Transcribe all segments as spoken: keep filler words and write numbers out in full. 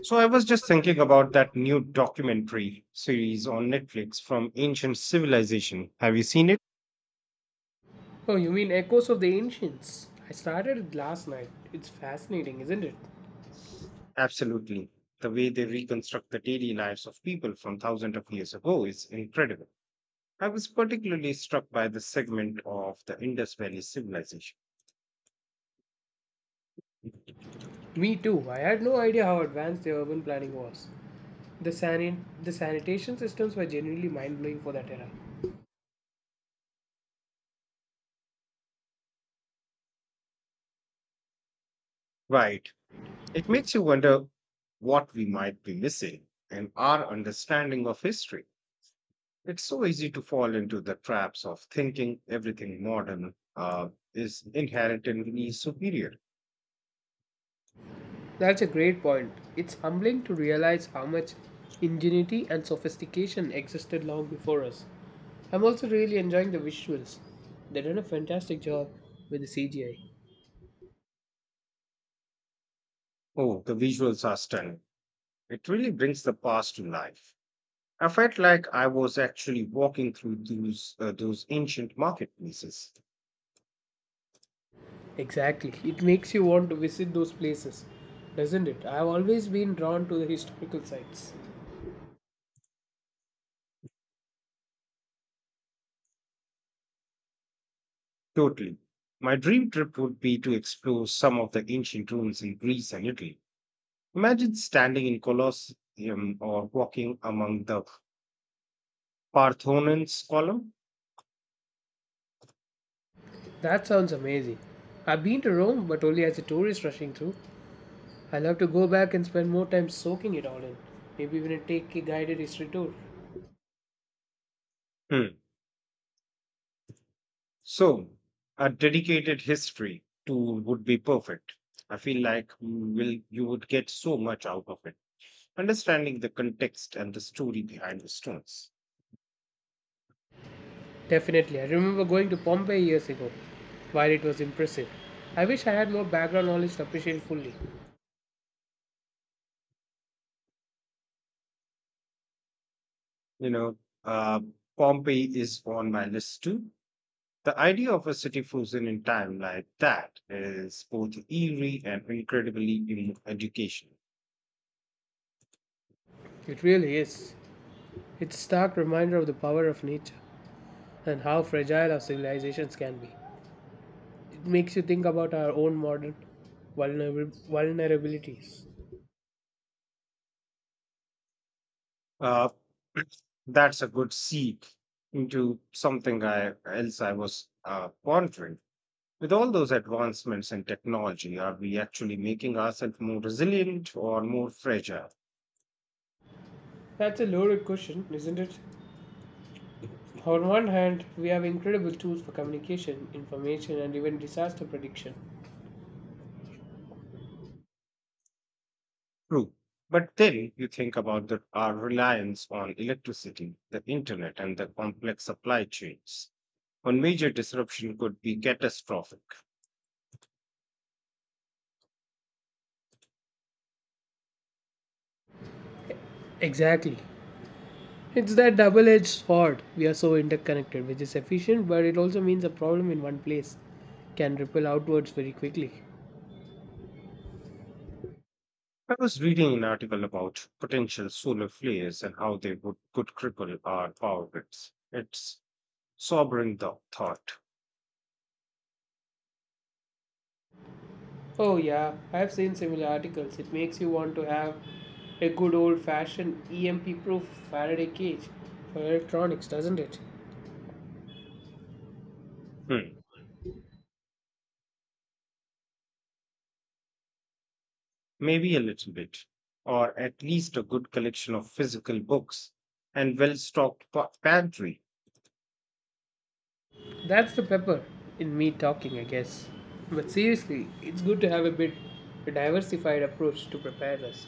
So I was just thinking about that new documentary series on Netflix from ancient civilization. Have you seen it? Oh, you mean Echoes of the Ancients? I started it last night. It's fascinating, isn't it? Absolutely. The way they reconstruct the daily lives of people from thousands of years ago is incredible. I was particularly struck by the segment of the Indus Valley civilization. Me too. I had no idea how advanced the urban planning was. The, sanit- the sanitation systems were genuinely mind blowing for that era. Right. It makes you wonder what we might be missing in our understanding of history. It's so easy to fall into the traps of thinking everything modern uh, is inherently superior. That's a great point. It's humbling to realize how much ingenuity and sophistication existed long before us. I'm also really enjoying the visuals. They did a fantastic job with the C G I. Oh, the visuals are stunning. It really brings the past to life. I felt like I was actually walking through those, uh, those ancient marketplaces. Exactly. It makes you want to visit those places, doesn't it? I've always been drawn to the historical sites. Totally. My dream trip would be to explore some of the ancient ruins in Greece and Italy. Imagine standing in Colosseum or walking among the Parthenon's column. That sounds amazing. I've been to Rome, but only as a tourist rushing through. I'll have to go back and spend more time soaking it all in. Maybe even take a guided history tour. Hmm. So, a dedicated history tool would be perfect. I feel like you will you would get so much out of it, understanding the context and the story behind the stones. Definitely. I remember going to Pompeii years ago. While it was impressive, I wish I had more background knowledge to appreciate it fully. You know, uh, Pompeii is on my list too. The idea of a city frozen in time like that is both eerie and incredibly emo- educational. It really is. It's a stark reminder of the power of nature and how fragile our civilizations can be. It makes you think about our own modern vulnerabil- vulnerabilities. Uh, that's a good seed into something I else I was uh, pondering. With all those advancements in technology, are we actually making ourselves more resilient or more fragile? That's a loaded question, isn't it? On one hand, we have incredible tools for communication, information, and even disaster prediction. True. But then you think about the, our reliance on electricity, the internet, and the complex supply chains. One major disruption could be catastrophic. Exactly. It's that double edged sword. We are so interconnected, which is efficient, but it also means a problem in one place can ripple outwards very quickly. I was reading an article about potential solar flares and how they would, could cripple our power grids. It's sobering the thought. Oh, yeah, I have seen similar articles. It makes you want to have a good old fashioned E M P proof Faraday cage for electronics, doesn't it? Hmm. Maybe a little bit, or at least a good collection of physical books and well stocked pa- pantry. That's the pepper in me talking, I guess. But seriously, it's good to have a bit a diversified approach to prepare us.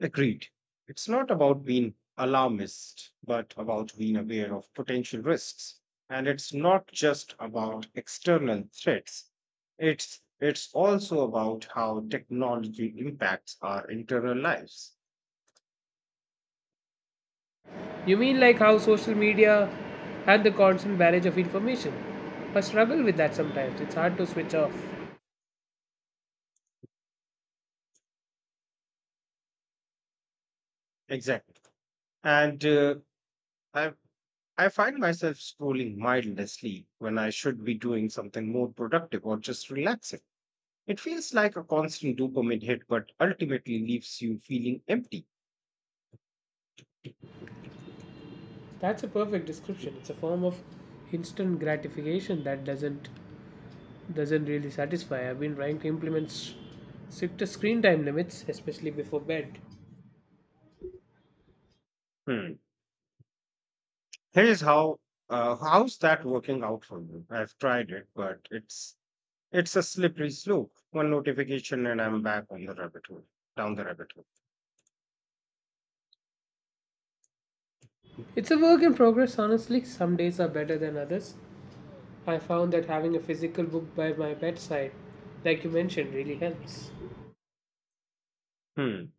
Agreed. It's not about being alarmist, but about being aware of potential risks. And it's not just about external threats. It's it's also about how technology impacts our internal lives. You mean like how social media and the constant barrage of information? I struggle with that sometimes. It's hard to switch off. Exactly. And uh, I I find myself scrolling mindlessly when I should be doing something more productive or just relaxing. It feels like a constant dopamine hit, but ultimately leaves you feeling empty. That's a perfect description. It's a form of instant gratification that doesn't doesn't really satisfy. I've been trying to implement s- stricter screen time limits, especially before bed. Hmm. Here's how. Uh, how's that working out for you? I've tried it, but it's it's a slippery slope. One notification and I'm back on the rabbit hole, down the rabbit hole. It's a work in progress, honestly. Some days are better than others, I found that having a physical book by my bedside, like you mentioned, really helps. Hmm.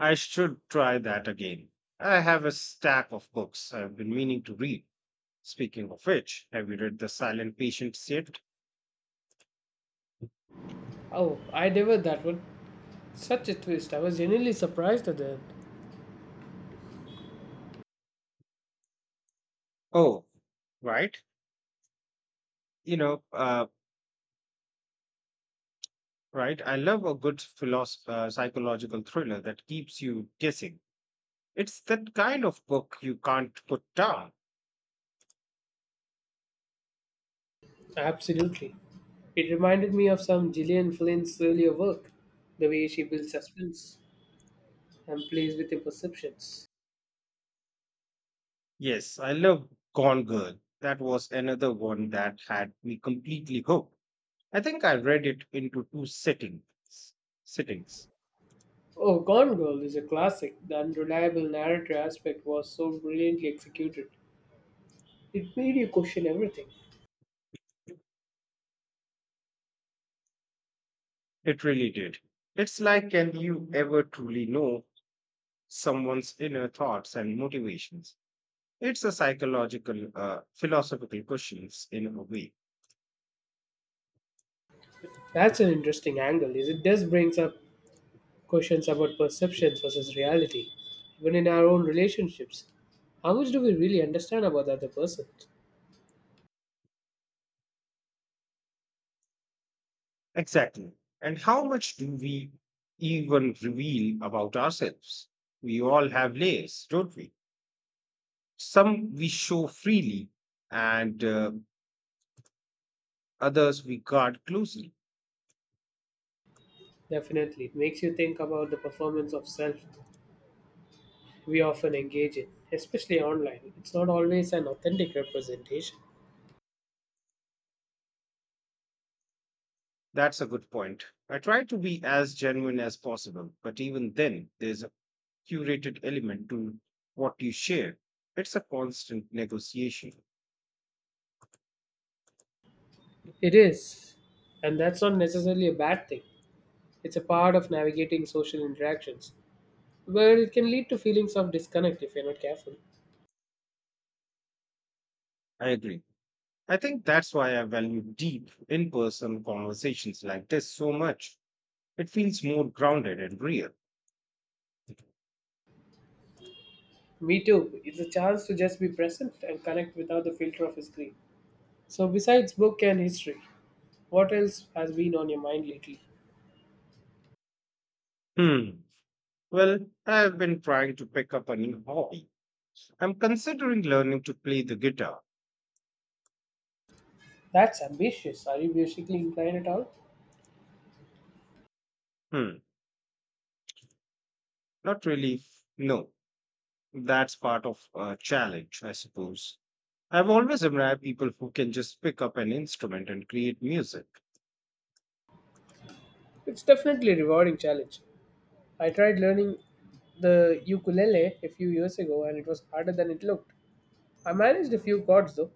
I should try that again. I have a stack of books I've been meaning to read. Speaking of which, have you read The Silent Patient yet? Oh, I never that one. Such a twist. I was genuinely surprised at that. Oh, right. You know, uh, right. I love a good philosoph- uh, psychological thriller that keeps you guessing. It's that kind of book you can't put down. Absolutely. It reminded me of some Gillian Flynn's earlier work, the way she builds suspense and plays with your perceptions. Yes, I love Gone Girl. That was another one that had me completely hooked. I think I read it into two sittings. Sittings. Oh, Gone Girl is a classic. The unreliable narrator aspect was so brilliantly executed. It made you question everything. It really did. It's like, can you ever truly know someone's inner thoughts and motivations? It's a psychological, uh, philosophical questions in a way. That's an interesting angle, is it just brings up questions about perceptions versus reality, even in our own relationships. How much do we really understand about the other person? Exactly. And how much do we even reveal about ourselves? We all have layers, don't we? Some we show freely, and uh, others we guard closely. Definitely, it makes you think about the performance of self we often engage in, especially online. It's not always an authentic representation. That's a good point. I try to be as genuine as possible, but even then, there's a curated element to what you share. It's a constant negotiation. It is, and that's not necessarily a bad thing. It's a part of navigating social interactions, but it can lead to feelings of disconnect if you're not careful. I agree. I think that's why I value deep, in person conversations like this so much. It feels more grounded and real. Me too. It's a chance to just be present and connect without the filter of a screen. So, besides book and history, what else has been on your mind lately? Hmm. Well, I've been trying to pick up a new hobby. I'm considering learning to play the guitar. That's ambitious. Are you musically inclined at all? Hmm. Not really. f- No. That's part of a challenge, I suppose. I've always admired people who can just pick up an instrument and create music. It's definitely a rewarding challenge. I tried learning the ukulele a few years ago and it was harder than it looked. I managed a few chords though.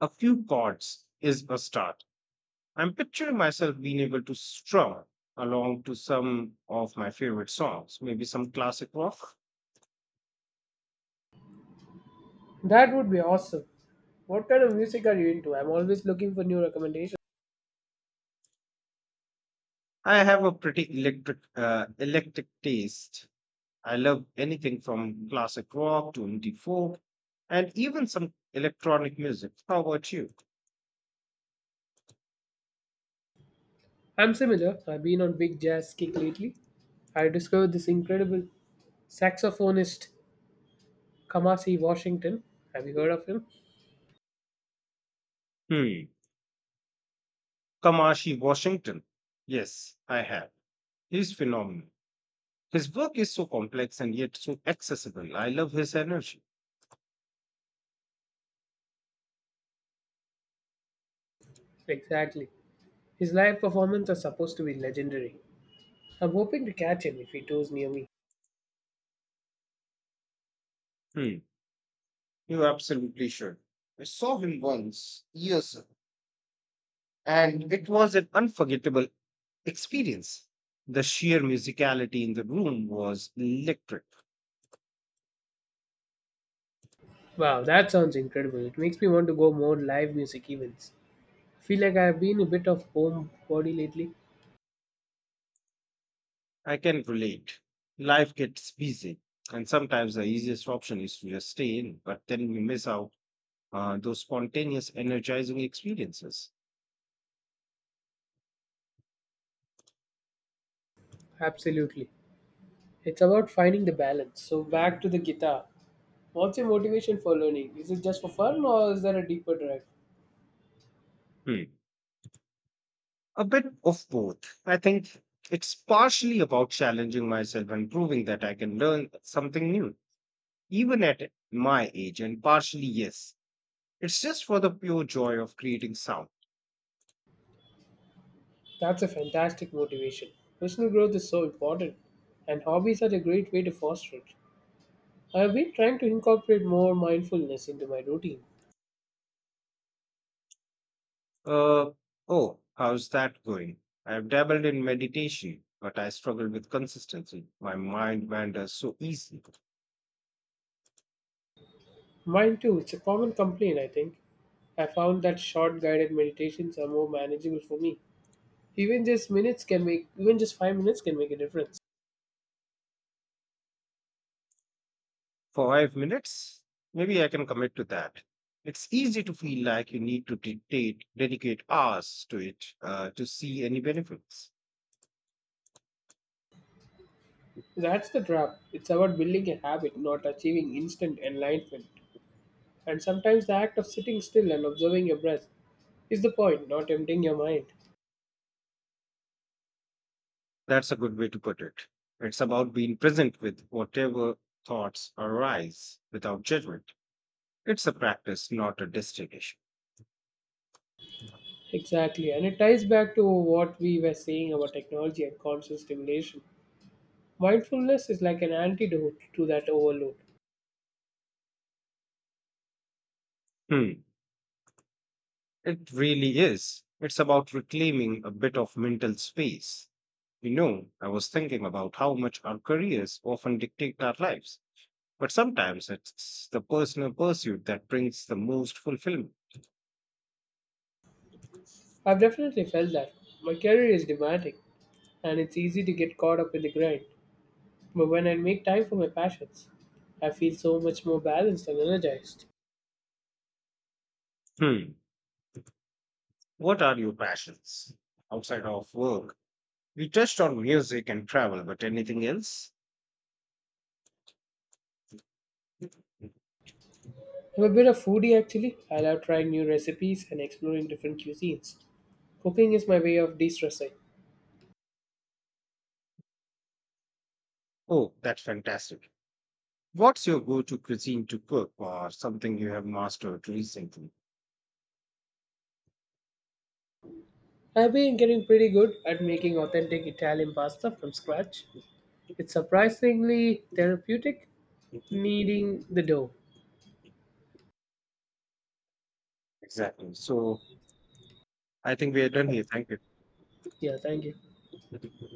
A few chords is a start. I'm picturing myself being able to strum along to some of my favorite songs, maybe some classic rock. That would be awesome. What kind of music are you into? I'm always looking for new recommendations. I have a pretty electric, uh, electric taste. I love anything from classic rock to indie folk, and even some electronic music. How about you? I'm similar. I've been on big jazz kick lately. I discovered this incredible saxophonist, Kamasi Washington. Have you heard of him? Hmm. Kamashi Washington. Yes, I have. He's phenomenal. His work is so complex and yet so accessible. I love his energy. Exactly. His live performances are supposed to be legendary. I'm hoping to catch him if he tours near me. Hmm. You absolutely should. I saw him once years ago and it was an unforgettable experience. The sheer musicality in the room was electric. Wow, that sounds incredible. It makes me want to go more live music events. I feel like I've been a bit of homebody lately. I can relate. Life gets busy, and sometimes the easiest option is to just stay in, but then we miss out uh, those spontaneous, energizing experiences. Absolutely. It's about finding the balance. So back to the guitar. What's your motivation for learning? Is it just for fun or is there a deeper drive? Hmm. A bit of both. I think it's partially about challenging myself and proving that I can learn something new, even at my age, and partially, yes, it's just for the pure joy of creating sound. That's a fantastic motivation. Personal growth is so important, and hobbies are a great way to foster it. I have been trying to incorporate more mindfulness into my routine, Uh, oh, how's that going? I've dabbled in meditation, but I struggle with consistency. My mind wanders so easily. Mine too, it's a common complaint, I think. I found that short guided meditations are more manageable for me. Even just minutes can make even just five minutes can make a difference. For five minutes, maybe I can commit to that. It's easy to feel like you need to dedicate, dedicate hours to it uh, to see any benefits. That's the trap. It's about building a habit, not achieving instant enlightenment. And sometimes the act of sitting still and observing your breath is the point, not emptying your mind. That's a good way to put it. It's about being present with whatever thoughts arise without judgment. It's a practice, not a destination. Exactly, and it ties back to what we were saying about technology and constant stimulation. Mindfulness is like an antidote to that overload. Hmm. It really is. It's about reclaiming a bit of mental space. You know, I was thinking about how much our careers often dictate our lives, but sometimes it's the personal pursuit that brings the most fulfillment. I've definitely felt that. My career is demanding, and it's easy to get caught up in the grind. But when I make time for my passions, I feel so much more balanced and energized. Hmm. What are your passions outside of work? We touched on music and travel, but anything else? I'm a bit of foodie actually. I love trying new recipes and exploring different cuisines. Cooking is my way of de-stressing. Oh, that's fantastic. What's your go to cuisine to cook or something you have mastered recently? I've been getting pretty good at making authentic Italian pasta from scratch. It's surprisingly therapeutic, kneading the dough. Exactly. So, I think we are done here. Thank you. Yeah, thank you.